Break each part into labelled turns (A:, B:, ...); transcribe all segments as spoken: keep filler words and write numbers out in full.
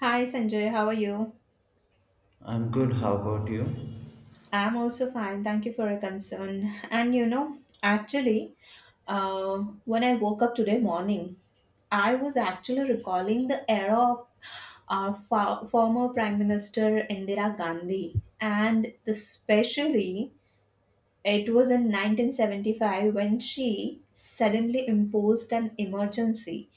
A: Hi Sanjay, how are you?
B: I'm good. How about you?
A: I'm also fine. Thank you for your concern. And you know, actually, uh, when I woke up today morning, I was actually recalling the era of our fo- former Prime Minister Indira Gandhi, and especially it was in nineteen seventy-five when she suddenly imposed an emergency,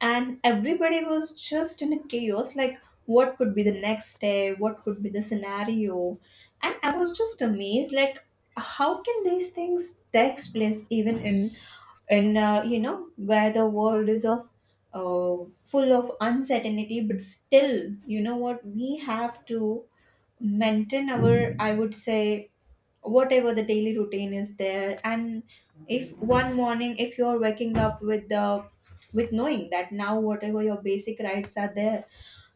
A: and everybody was just in a chaos like what could be the next day, what could be the scenario. And I was just amazed like, how can these things takes place even in in uh, you know, where the world is of uh, full of uncertainty? But still, you know what, we have to maintain our, I would say, whatever the daily routine is there. And if one morning if you're waking up with the with knowing that now whatever your basic rights are there,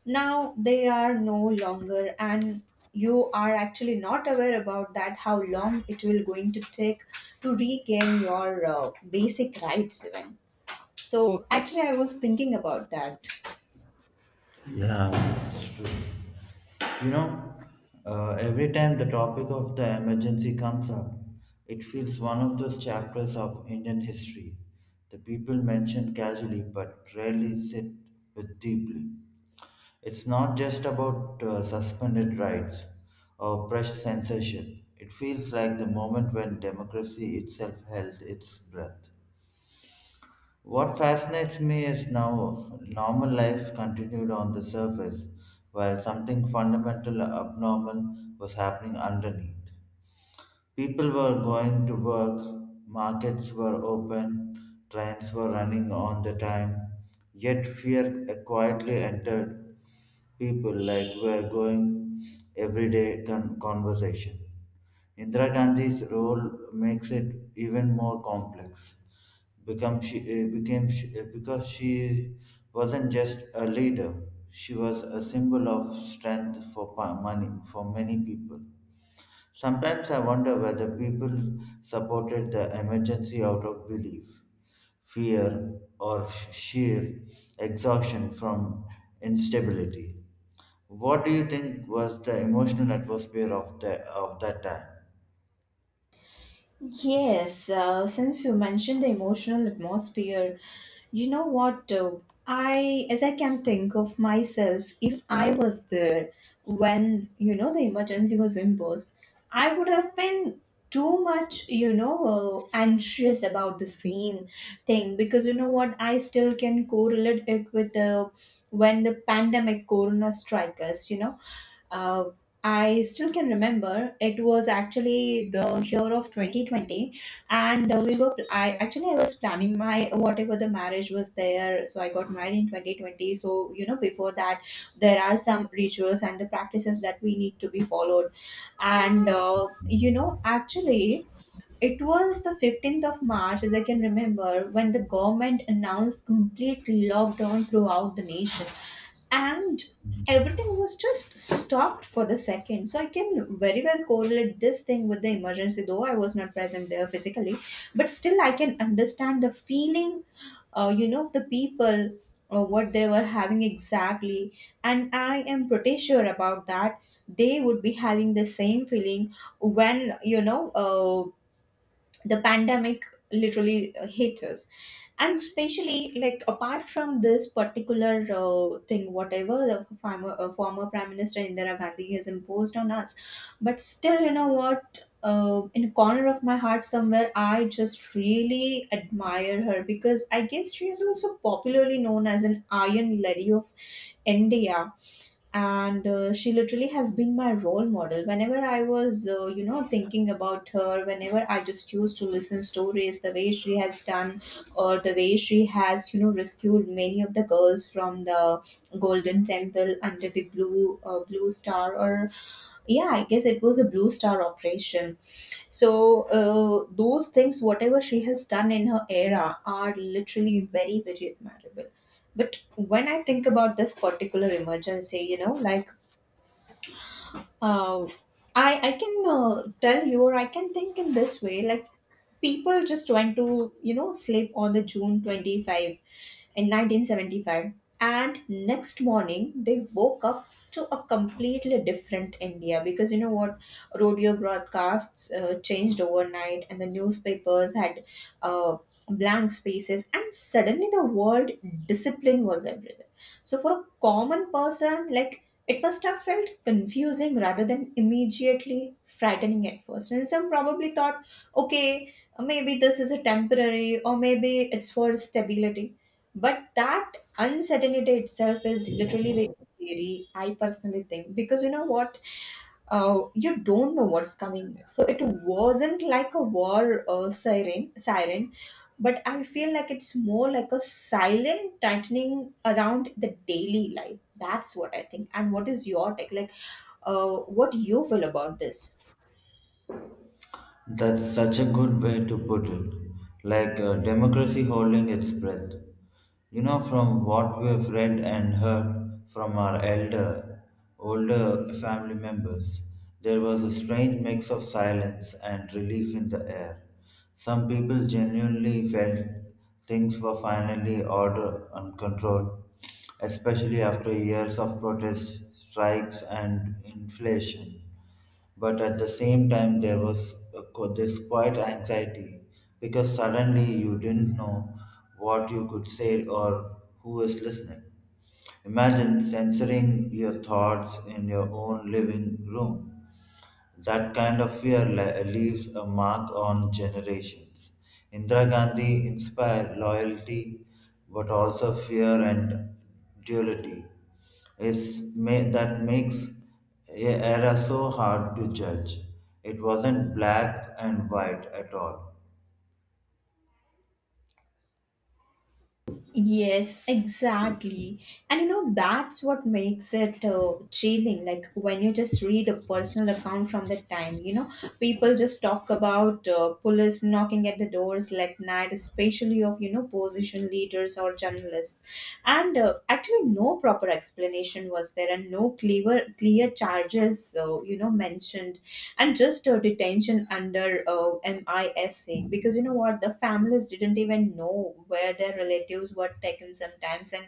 A: now they are no longer, and you are actually not aware about that how long it will going to take to regain your uh, basic rights even. So actually I was thinking about that.
B: Yeah, it's true. You know, uh, every time the topic of the emergency comes up, it feels one of those chapters of Indian history. The people mention casually but rarely sit with deeply. It's not just about uh, suspended rights or press censorship. It feels like the moment when democracy itself held its breath. What fascinates me is now normal life continued on the surface while something fundamental abnormal was happening underneath. People were going to work, markets were open, trains were running on the time, yet fear quietly entered people like were going everyday con- conversation. Indira Gandhi's role makes it even more complex. Become she uh, became she, uh, because she wasn't just a leader; she was a symbol of strength for pa- money for many people. Sometimes I wonder whether people supported the emergency out of belief, fear, or sheer exhaustion from instability. What do you think was the emotional atmosphere of the of that time?
A: Yes, uh, since you mentioned the emotional atmosphere, you know what? Uh, I, as I can think of myself, if I was there when, you know, the emergency was imposed, I would have been too much, you know, uh, anxious about the same thing. Because you know what? I still can correlate it with the when the pandemic corona strike us, you know. uh, I still can remember, it was actually the year of twenty twenty, and uh, we were. I actually I was planning, my whatever the marriage was there, so I got married in twenty twenty. So you know, before that there are some rituals and the practices that we need to be followed. And uh, you know, actually it was the fifteenth of March, as I can remember, when the government announced complete lockdown throughout the nation. And everything was just stopped for the second. So I can very well correlate this thing with the emergency, though I was not present there physically. But still, I can understand the feeling, uh, you know, of the people, uh, what they were having exactly. And I am pretty sure about that. They would be having the same feeling when, you know, uh, the pandemic literally uh, hit us. And especially, like, apart from this particular uh, thing whatever the former, uh, former Prime Minister Indira Gandhi has imposed on us. But still, you know what, uh, in a corner of my heart somewhere, I just really admire her, because I guess she is also popularly known as an Iron Lady of India. And uh, she literally has been my role model. Whenever I was, uh, you know, thinking about her, whenever I just used to listen stories the way she has done, or the way she has, you know, rescued many of the girls from the Golden Temple under the blue uh, Blue Star. Or yeah, I guess it was a Blue Star operation. So uh, those things whatever she has done in her era are literally very, very admirable. But when I think about this particular emergency, you know, like, uh, i i can, uh, tell you, or I can think in this way, like, people just went to, you know, sleep on the June twenty-fifth in nineteen seventy-five. And next morning, they woke up to a completely different India. Because you know what? Radio broadcasts uh, changed overnight, and the newspapers had uh, blank spaces, and suddenly the word discipline was everywhere. So for a common person, like, it must have felt confusing rather than immediately frightening at first. And some probably thought, okay, maybe this is a temporary, or maybe it's for stability. But that uncertainty itself is literally very scary, I personally think. Because you know what? Uh, you don't know what's coming next. So it wasn't like a war uh, siren, siren, but I feel like it's more like a silent tightening around the daily life. That's what I think. And what is your take? Like, uh, what you feel about this?
B: That's such a good way to put it. Like uh, democracy holding its breath. You know, from what we've read and heard from our elder, older family members, there was a strange mix of silence and relief in the air. Some people genuinely felt things were finally order and control, especially after years of protests, strikes, and inflation. But at the same time, there was a, qu- this quiet anxiety because suddenly you didn't know what you could say or who is listening. Imagine censoring your thoughts in your own living room that kind of fear le- leaves a mark on generations. Indira Gandhi inspired loyalty, but also fear and duality. Is ma- that makes a era so hard to judge. It wasn't black and white at all.
A: Yes, exactly. And you know, that's what makes it uh, chilling. Like, when you just read a personal account from the time, you know, people just talk about uh, police knocking at the doors like night, especially of, you know, position leaders or journalists. And uh, actually no proper explanation was there, and no clear, clear charges, uh, you know, mentioned. And just uh, detention under uh, MISA. Because you know what, the families didn't even know where their relatives were taken sometimes. And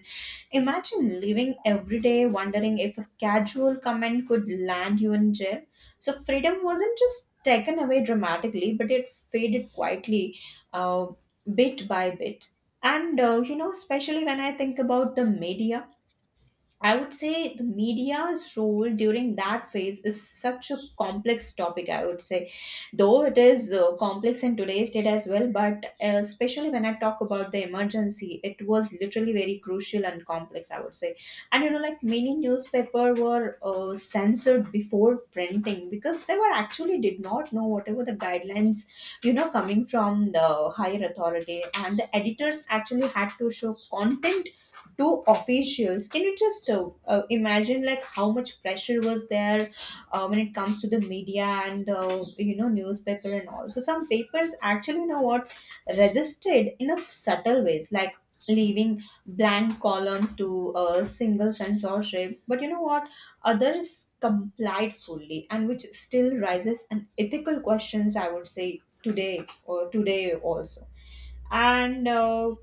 A: imagine living every day wondering if a casual comment could land you in jail. So freedom wasn't just taken away dramatically, but it faded quietly, uh, bit by bit. And uh, you know, especially when I think about the media, I would say the media's role during that phase is such a complex topic, I would say. Though it is uh, complex in today's date as well, but uh, especially when I talk about the emergency, it was literally very crucial and complex, I would say. And you know, like, many newspaper were uh, censored before printing, because they were actually did not know whatever the guidelines, you know, coming from the higher authority. And the editors actually had to show content to officials. Can you just uh, uh, imagine like how much pressure was there uh, when it comes to the media and, uh, you know, newspaper and all? So some papers, actually, you know what, resisted in a subtle ways, like leaving blank columns to a single censorship. But you know what, others complied fully, and which still raises an ethical questions, I would say, today or today also. And uh,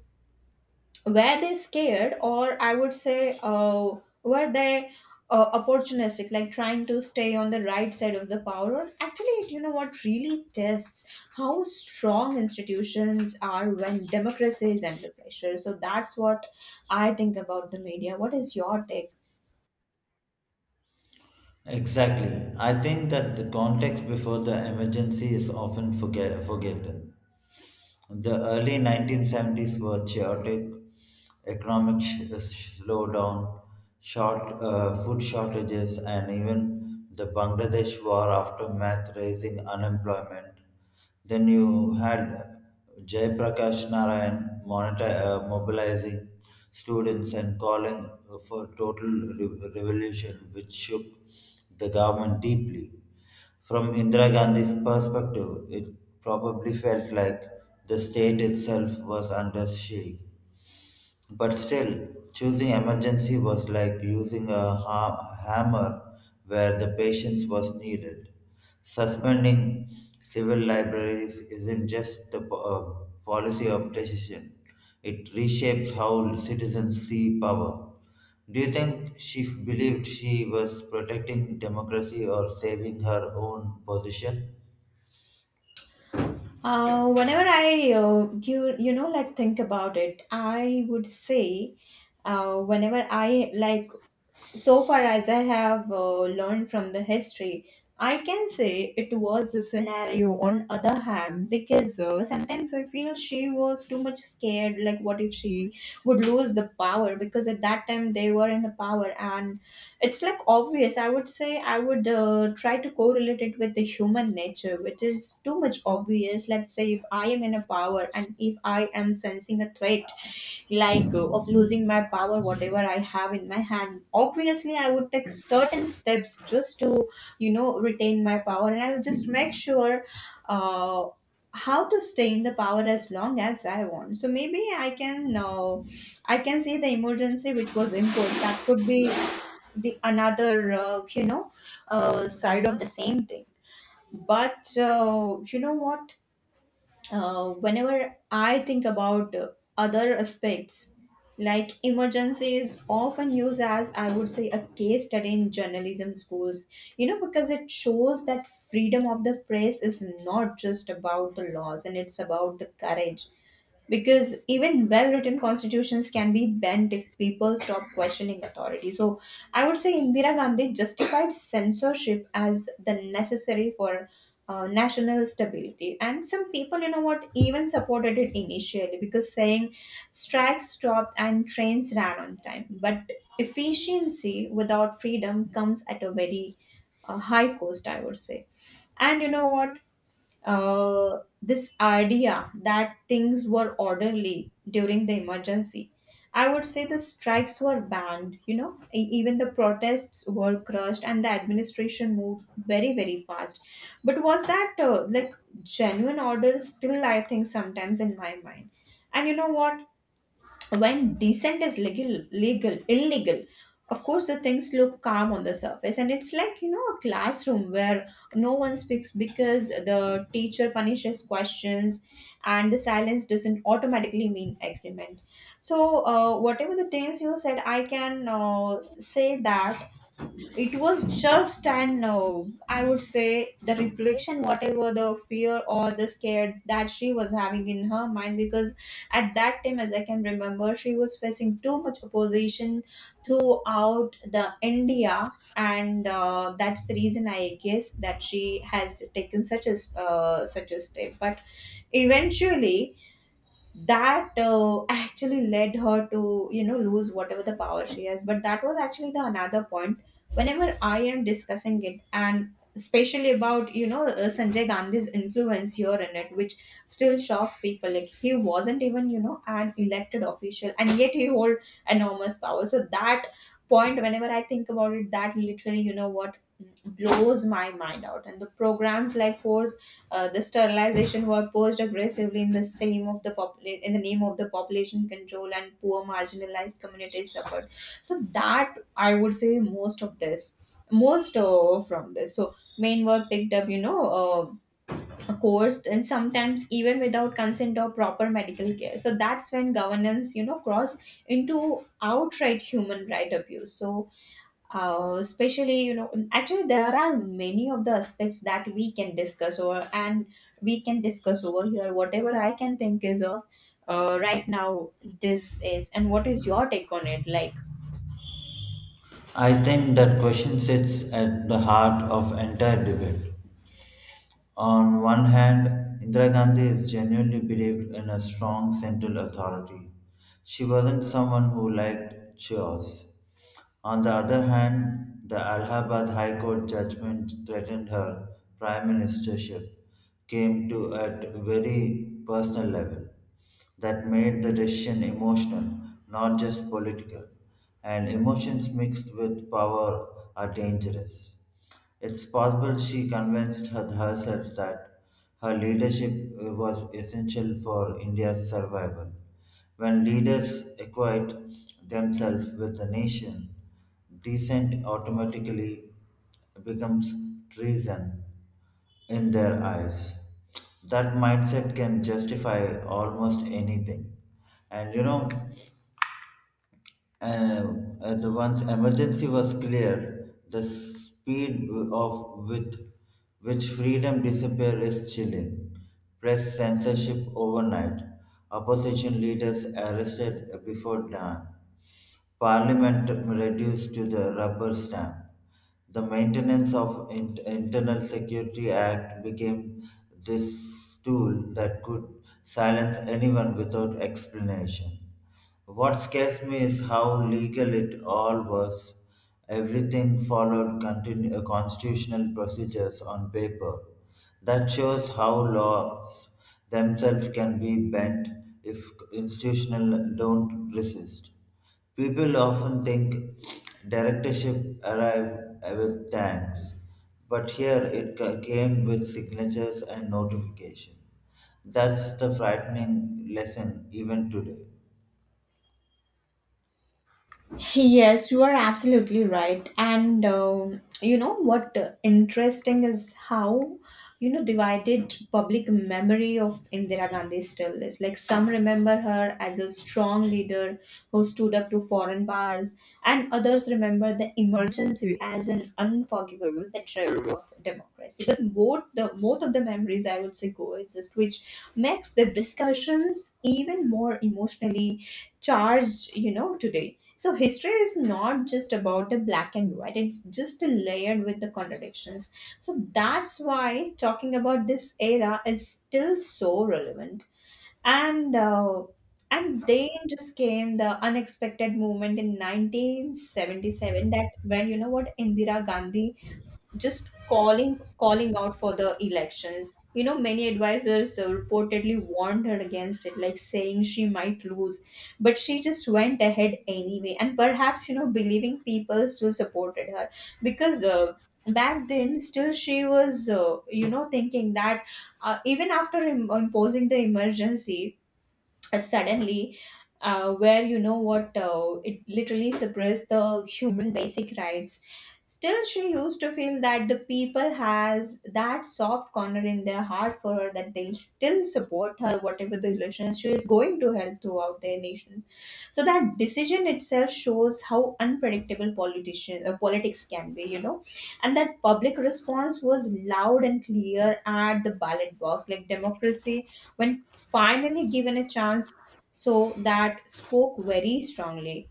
A: were they scared, or I would say, uh, were they uh, opportunistic, like trying to stay on the right side of the power? Or actually it, you know what, really tests how strong institutions are when democracy is under pressure. So that's what I think about the media. What is your take?
B: Exactly. I think that the context before the emergency is often forget- forgotten. The early nineteen seventies were chaotic, economic sh- sh- slowdown, short uh, food shortages, and even the Bangladesh war aftermath raising unemployment. Then you had Jayaprakash Narayan monita- uh, mobilizing students and calling for total re- revolution, which shook the government deeply. From Indira Gandhi's perspective, it probably felt like the state itself was under siege. But still, choosing emergency was like using a ha- hammer where the patience was needed. Suspending civil libraries isn't just the po- uh, policy of decision, it reshapes how citizens see power. Do you think she f- believed she was protecting democracy or saving her own position?
A: Uh, whenever I, uh, you you know, like, think about it, I would say, uh, whenever I like so far as I have uh, learned from the history, I can say it was a scenario on other hand. Because uh, sometimes I feel she was too much scared. Like, what if she would lose the power? Because at that time they were in the power. And it's like obvious, I would say. I would uh, try to correlate it with the human nature, which is too much obvious. Let's say if I am in a power, and if I am sensing a threat like, uh, of losing my power, whatever I have in my hand, obviously I would take certain steps just to, you know, retain my power. And I will just make sure, uh, how to stay in the power as long as I want. So maybe I can uh, I can see the emergency which was imposed, that could be the another, uh, you know, uh, side of the same thing. But uh, you know what? Uh, whenever I think about uh, other aspects, like, emergency is often used as, I would say, a case study in journalism schools, you know, because it shows that freedom of the press is not just about the laws, and it's about the courage. Because even well written constitutions can be bent if people stop questioning authority. So I would say Indira Gandhi justified censorship as the necessary for uh, national stability. And some people, you know what, even supported it initially, because saying strikes stopped and trains ran on time. But efficiency without freedom comes at a very uh, high cost, I would say. And you know what, uh, this idea that things were orderly during the emergency. I would say the strikes were banned, you know, e- even the protests were crushed, and the administration moved very, very fast. But was that uh, like genuine order? Still, I think sometimes in my mind. And you know what? When decent is legal legal illegal, of course the things look calm on the surface, and it's like, you know, a classroom where no one speaks because the teacher punishes questions, and the silence doesn't automatically mean agreement. So uh, whatever the things you said, I can uh, say that it was just an uh, I would say the reflection, whatever the fear or the scare that she was having in her mind, because at that time, as I can remember, she was facing too much opposition throughout the India, and uh, that's the reason, I guess, that she has taken such a s- uh, such a step. But eventually, that uh, actually led her to, you know, lose whatever the power she has. But that was actually the another point whenever I am discussing it, and especially about, you know, uh, Sanjay Gandhi's influence here in it, which still shocks people. Like, he wasn't even, you know, an elected official, and yet he hold enormous power. So that point, whenever I think about it, that literally, you know what, blows my mind out. And the programs like force uh, the sterilization were pushed aggressively in the same of the popula- in the name of the population control, and poor marginalized communities suffered. So that I would say most of this, most uh, from this. So men were picked up, you know, uh, coerced and sometimes even without consent or proper medical care. So that's when governance, you know, cross into outright human right abuse. So uh, especially, you know, actually there are many of the aspects that we can discuss over, and we can discuss over here whatever I can think is of uh, right now. This is, and what is your take on it, like?
B: I think that question sits at the heart of entire debate. On one hand, Indira Gandhi is genuinely believed in a strong central authority. She wasn't someone who liked chaos. On the other hand, the Allahabad High Court judgment threatened her prime ministership came to at very personal level that made the decision emotional, not just political. And emotions mixed with power are dangerous. It's possible she convinced her- herself that her leadership uh, was essential for India's survival. When leaders equate themselves with the nation, dissent automatically becomes treason in their eyes. That mindset can justify almost anything. And you know, uh, uh, the once emergency was clear, the speed of with which freedom disappeared is chilling. Press censorship overnight. Opposition leaders arrested before dawn. Parliament reduced to the rubber stamp. The Maintenance of In- Internal Security Act became this tool that could silence anyone without explanation. What scares me is how legal it all was. Everything followed continu- uh, constitutional procedures on paper. That shows how laws themselves can be bent if institutional don't resist. People often think directorship arrived with thanks, but here it ca- came with signatures and notification. That's the frightening lesson even today.
A: Yes, you are absolutely right. And um you know what, uh, interesting is how, you know, divided public memory of Indira Gandhi still is. Like, some remember her as a strong leader who stood up to foreign powers, and others remember the emergency as an unforgivable betrayal of democracy. But both the both of the memories, I would say, coexist, which makes the discussions even more emotionally charged, you know, today. So history is not just about the black and white, it's just layered with the contradictions. So that's why talking about this era is still so relevant. And uh, and then just came the unexpected movement in nineteen seventy-seven, that when you know what, Indira Gandhi just calling calling out for the elections. You know, many advisors uh, reportedly warned her against it, like saying she might lose, but she just went ahead anyway, and perhaps, you know, believing people still supported her because. Uh, back then still she was uh, you know, thinking that uh, even after im- imposing the emergency, uh, suddenly, uh, where you know what, uh, it literally suppressed the human basic rights, still she used to feel that the people has that soft corner in their heart for her, that they'll still support her whatever the relations she is going to help throughout their nation. So that decision itself shows how unpredictable politician uh, politics can be, you know. And that public response was loud and clear at the ballot box, like democracy when finally given a chance, so that spoke very strongly.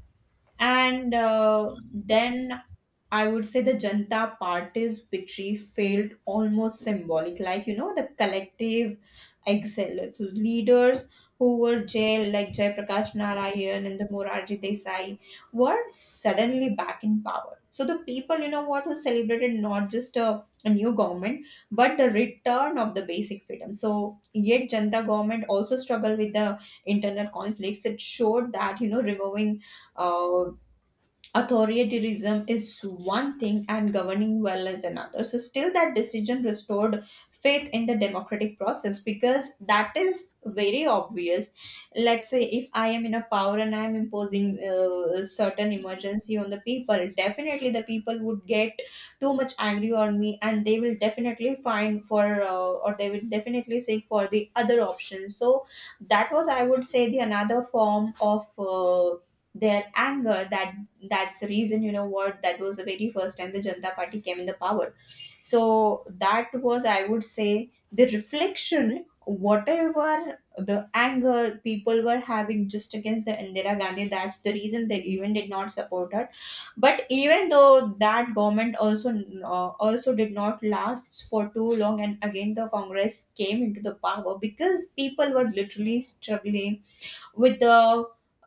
A: And uh, then I would say the Janata Party's victory felt almost symbolic, like, you know, the collective excellence whose leaders who were jailed, like Jayaprakash Narayan and the Morarji Desai, were suddenly back in power. So the people, you know what, who celebrated not just a, a new government, but the return of the basic freedom. So yet Janata government also struggled with the internal conflicts. It showed that, you know, removing uh, authoritarianism is one thing and governing well is another. So still that decision restored faith in the democratic process, because that is very obvious. Let's say if I am in a power and I am imposing uh, certain emergency on the people, definitely the people would get too much angry on me, and they will definitely find for uh, or they will definitely seek for the other option. So that was, I would say, the another form of uh, their anger, that that's the reason, you know what, that was the very first time the Janata Party came in the power. So that was, I would say, the reflection whatever the anger people were having just against the Indira Gandhi. That's the reason they even did not support her. But even though that government also uh, also did not last for too long, and again the congress came into the power, because people were literally struggling with the uh,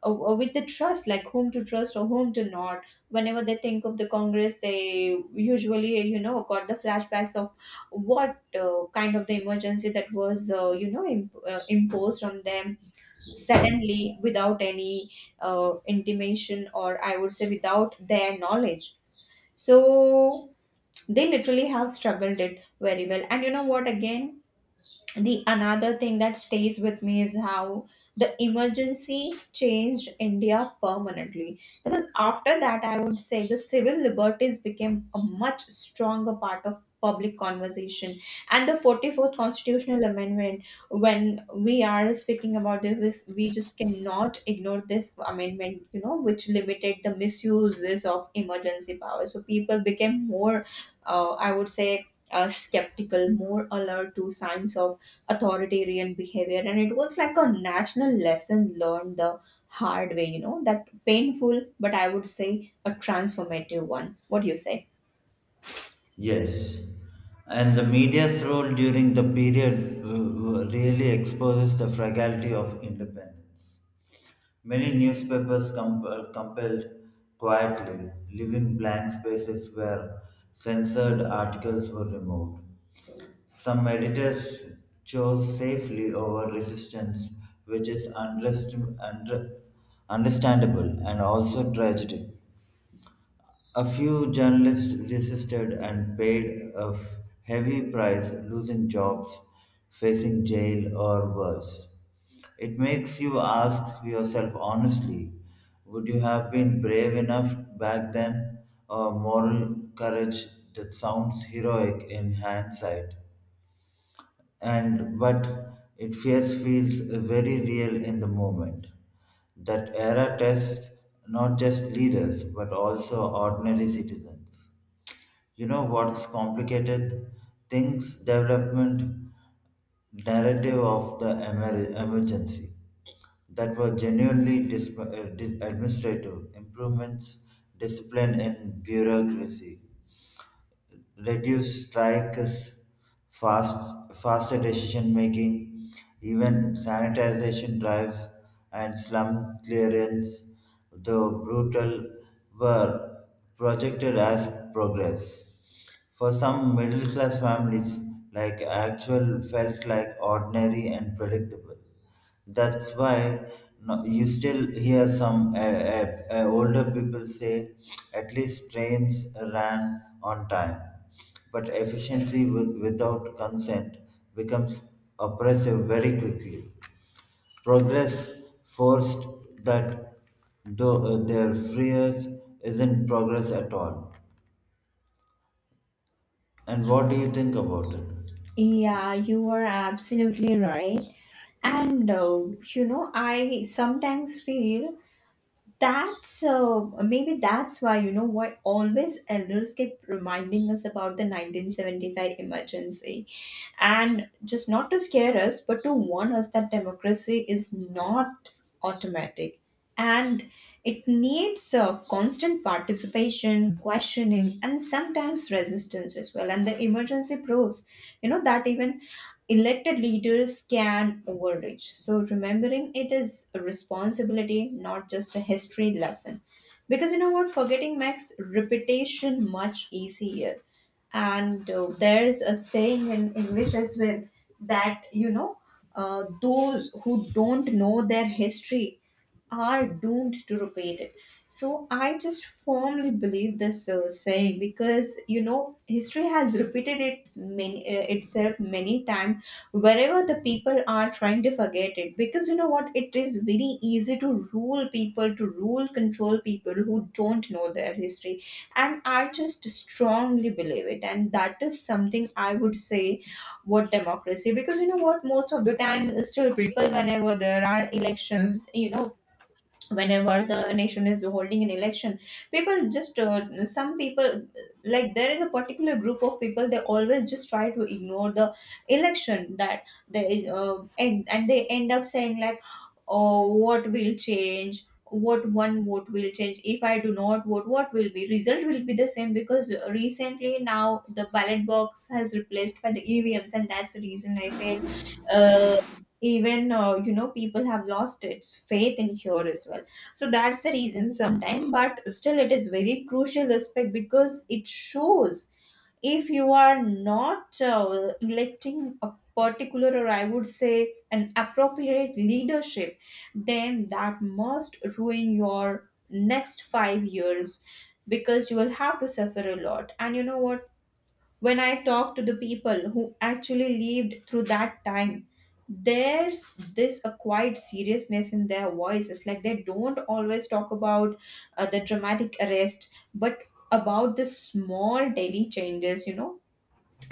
A: uh, with the trust, like whom to trust or whom to not. Whenever they think of the congress, they usually, you know, got the flashbacks of what uh, kind of the emergency that was, uh, you know, imp- uh, imposed on them suddenly without any uh, intimation, or I would say without their knowledge. So they literally have struggled it very well. And you know what, again, the another thing that stays with me is how the emergency changed india permanently, because after that, I would say, the civil liberties became a much stronger part of public conversation. And the forty-fourth constitutional amendment, when we are speaking about this, we just cannot ignore this amendment, you know, which limited the misuses of emergency power. So people became more uh, I would say uh, skeptical, more alert to signs of authoritarian behavior, and it was like a national lesson learned the hard way, you know, that painful, but I would say a transformative one. What do you say?
B: Yes, and the media's role during the period uh, uh, really exposes the fragility of independence. Many newspapers com- uh, compelled quietly, leaving blank spaces where censored articles were removed. Some editors chose safely over resistance, which is unrest- under- understandable and also tragic. A few journalists resisted and paid a f- heavy price, losing jobs, facing jail, or worse. It makes you ask yourself honestly would you have been brave enough back then? A moral courage that sounds heroic in hindsight? And but it fears feels very real in the moment. That era tests not just leaders but also ordinary citizens. You know what's complicated? Things development narrative of the emer- emergency that were genuinely dis- uh, dis- administrative improvements, discipline in bureaucracy reduce strikes, fast, faster decision making, even sanitization drives and slum clearance, though brutal, were projected as progress. For some middle class families, like actual felt like ordinary and predictable. That's why no, you still hear some uh, uh, uh, older people say, at least trains ran on time. But efficiency with, without consent becomes oppressive very quickly. Progress forced that though uh, their freers isn't progress at all. And what do you think about it?
A: Yeah, you are absolutely right. And uh, you know, I sometimes feel that's uh, maybe that's why, you know, why always elders keep reminding us about the nineteen seventy-five emergency, and just not to scare us, but to warn us that democracy is not automatic, and it needs uh, constant participation, questioning, and sometimes resistance as well. And the emergency proves, you know, that even elected leaders can overreach. So remembering it is a responsibility, not just a history lesson. Because you know what, forgetting makes repetition much easier. And uh, there's a saying in English as well, that you know, uh, those who don't know their history are doomed to repeat it. So I just firmly believe this uh, saying, because you know, history has repeated it many, uh, itself many times wherever the people are trying to forget it. Because you know what, it is very easy to rule people, to rule control people who don't know their history. And I just strongly believe it, and that is something I would say what democracy. Because you know what, most of the time still people, whenever there are elections, you know, whenever the nation is holding an election, people just uh, some people, like there is a particular group of people, they always just try to ignore the election, that they uh, and, and they end up saying like, oh, what will change, what one vote will change if I do not vote, what will be result will be the same. Because recently now the ballot box has replaced by the evms, and that's the reason I feel uh, even uh, you know, people have lost its faith in here as well. So that's the reason sometimes, but still it is very crucial aspect, because it shows if you are not uh, electing a particular, or I would say an appropriate leadership, then that must ruin your next five years, because you will have to suffer a lot. And you know what, when I talk to the people who actually lived through that time, there's this a quiet seriousness in their voices. Like, they don't always talk about uh, the dramatic arrest, but about the small daily changes, you know,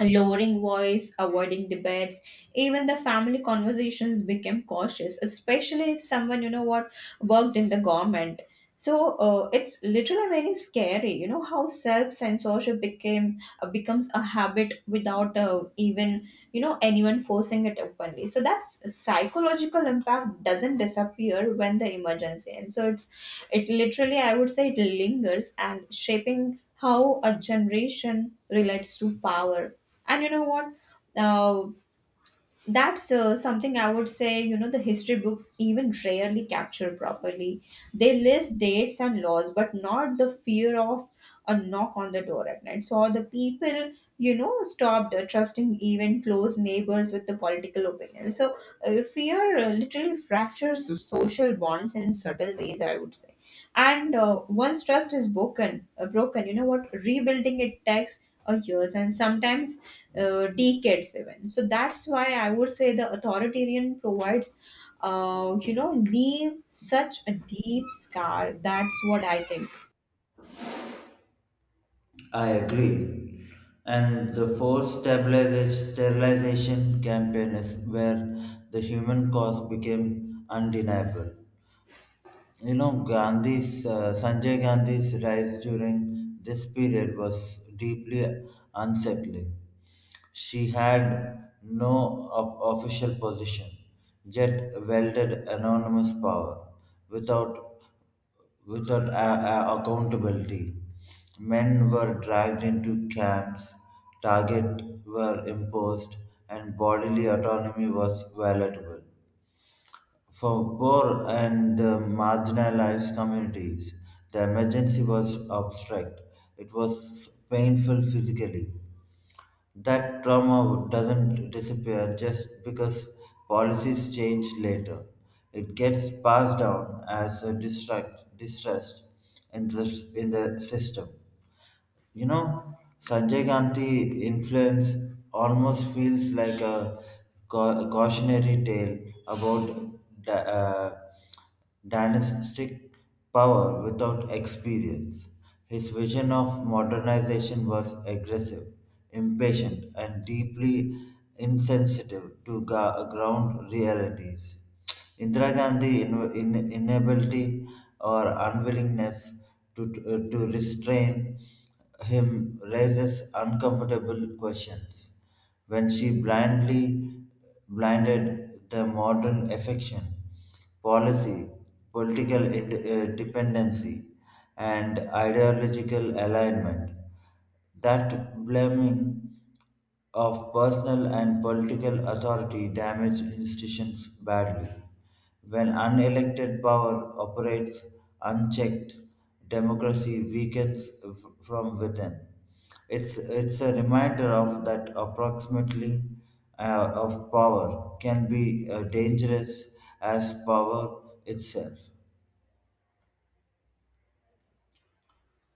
A: lowering voice, avoiding debates, even the family conversations became cautious, especially if someone, you know what, worked in the government. So uh, it's literally very scary, you know, how self-censorship became uh, becomes a habit without uh, even, you know, anyone forcing it openly. So that's psychological impact doesn't disappear when the emergency ends. So it's it literally, I would say, it lingers and shaping how a generation relates to power. And you know what? Uh, that's uh, something I would say, you know, the history books even rarely capture properly. They list dates and laws, but not the fear of a knock on the door at night. So the people, you know, stopped uh, trusting even close neighbors with the political opinion. So uh, fear uh, literally fractures the social bonds in subtle ways, I would say. And uh, once trust is broken uh, broken, you know what, rebuilding it takes uh, years, and sometimes uh, decades even. So that's why, I would say, the authoritarian provides uh, you know, leave such a deep scar. That's what I think.
B: I agree. And the forced stabiliza- sterilization campaign is where the human cost became undeniable. You know, Gandhi's uh, Sanjay Gandhi's rise during this period was deeply unsettling. She had no op- official position, yet wielded enormous power without without a- a- accountability. Men were dragged into camps, targets were imposed, and bodily autonomy was violable. For poor and the marginalized communities, the emergency was abstract. It was painful physically, that trauma doesn't disappear just because policies change later. It gets passed down as a distract, distrust in the, in the system. You know, Sanjay Gandhi influence almost feels like a cau- cautionary tale about di- uh, dynastic power without experience. His vision of modernization was aggressive, impatient, and deeply insensitive to ga- ground realities. Indira Gandhi's in, in, inability or unwillingness to, uh, to restrain him raises uncomfortable questions. When she blindly blinded the modern affection, policy, political ind- uh, dependency, and ideological alignment, that blaming of personal and political authority damage institutions badly. When unelected power operates unchecked, democracy weakens f- from within. It's, it's a reminder of that approximately uh, of power can be uh, dangerous as power itself.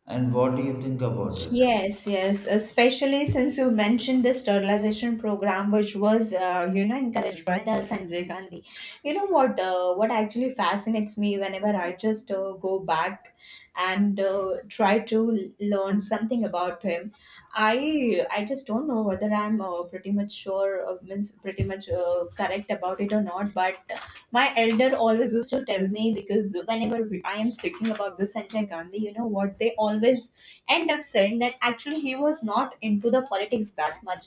B: And what do you think about it?
A: Yes, yes, especially since you mentioned the sterilization program, which was, uh, you know, encouraged by the Sanjay Gandhi. You know what? Uh, what actually fascinates me whenever I just uh, go back and uh, try to learn something about him, I I just don't know whether I'm uh, pretty much sure, uh, means pretty much uh, correct about it or not. But my elder always used to tell me, because whenever we, I am speaking about the Sanjay Gandhi, you know what, they always end up saying that actually he was not into the politics that much,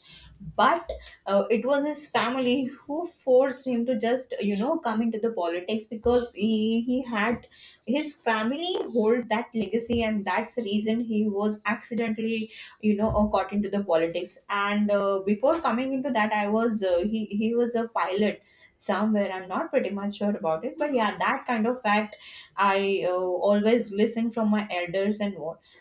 A: but uh, it was his family who forced him to just, you know, come into the politics, because he he had his family hold that legacy, and that's the reason he was accidentally, you know, uh, caught into the politics. And uh, before coming into that, I was uh, he he was a pilot somewhere. I'm not pretty much sure about it, but yeah, that kind of fact I uh, always listen from my elders. and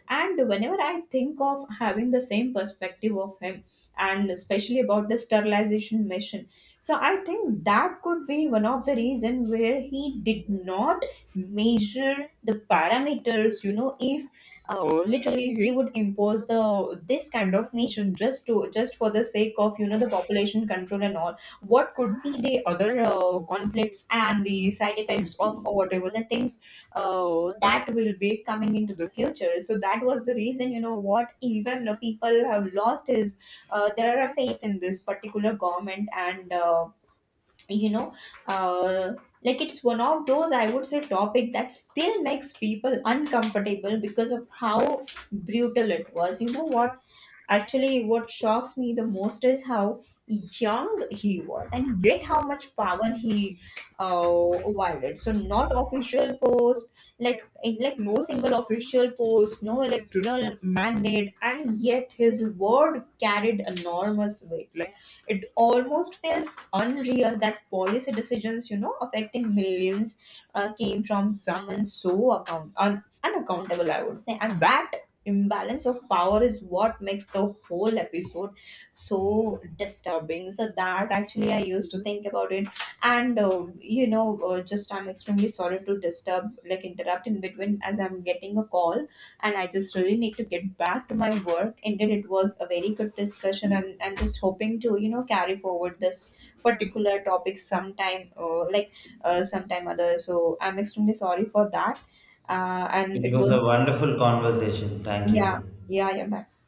A: and whenever I think of having the same perspective of him, and especially about the sterilization mission, so I think that could be one of the reason where he did not measure the parameters. You know, if uh, literally he would impose the this kind of mission, just to just for the sake of, you know, the population control and all, what could be the other uh, conflicts and the side effects of, or whatever the things uh, that will be coming into the future. So that was the reason, you know, what even the people have lost is uh, their faith in this particular government. And uh, you know, uh, like it's one of those, I would say, topic that still makes people uncomfortable because of how brutal it was. You know what? Actually, what shocks me the most is how young he was, and yet how much power he uh, wielded. So, not official post, like like no single official post, no electoral mandate, and yet his word carried enormous weight. Like, it almost feels unreal that policy decisions, you know, affecting millions, uh, came from someone so account un- unaccountable, I would say. And that imbalance of power is what makes the whole episode so disturbing. So that actually I used to think about it. And uh, you know, uh, just I'm extremely sorry to disturb, like interrupt in between, as I'm getting a call, and I just really need to get back to my work. Indeed, it was a very good discussion, and I'm just hoping to, you know, carry forward this particular topic sometime, uh, like uh, sometime other. So I'm extremely sorry for that. Uh, and
B: It
A: it
B: was a
A: was
B: wonderful conversation. Thank
A: yeah,
B: you.
A: yeah, yeah. Bye.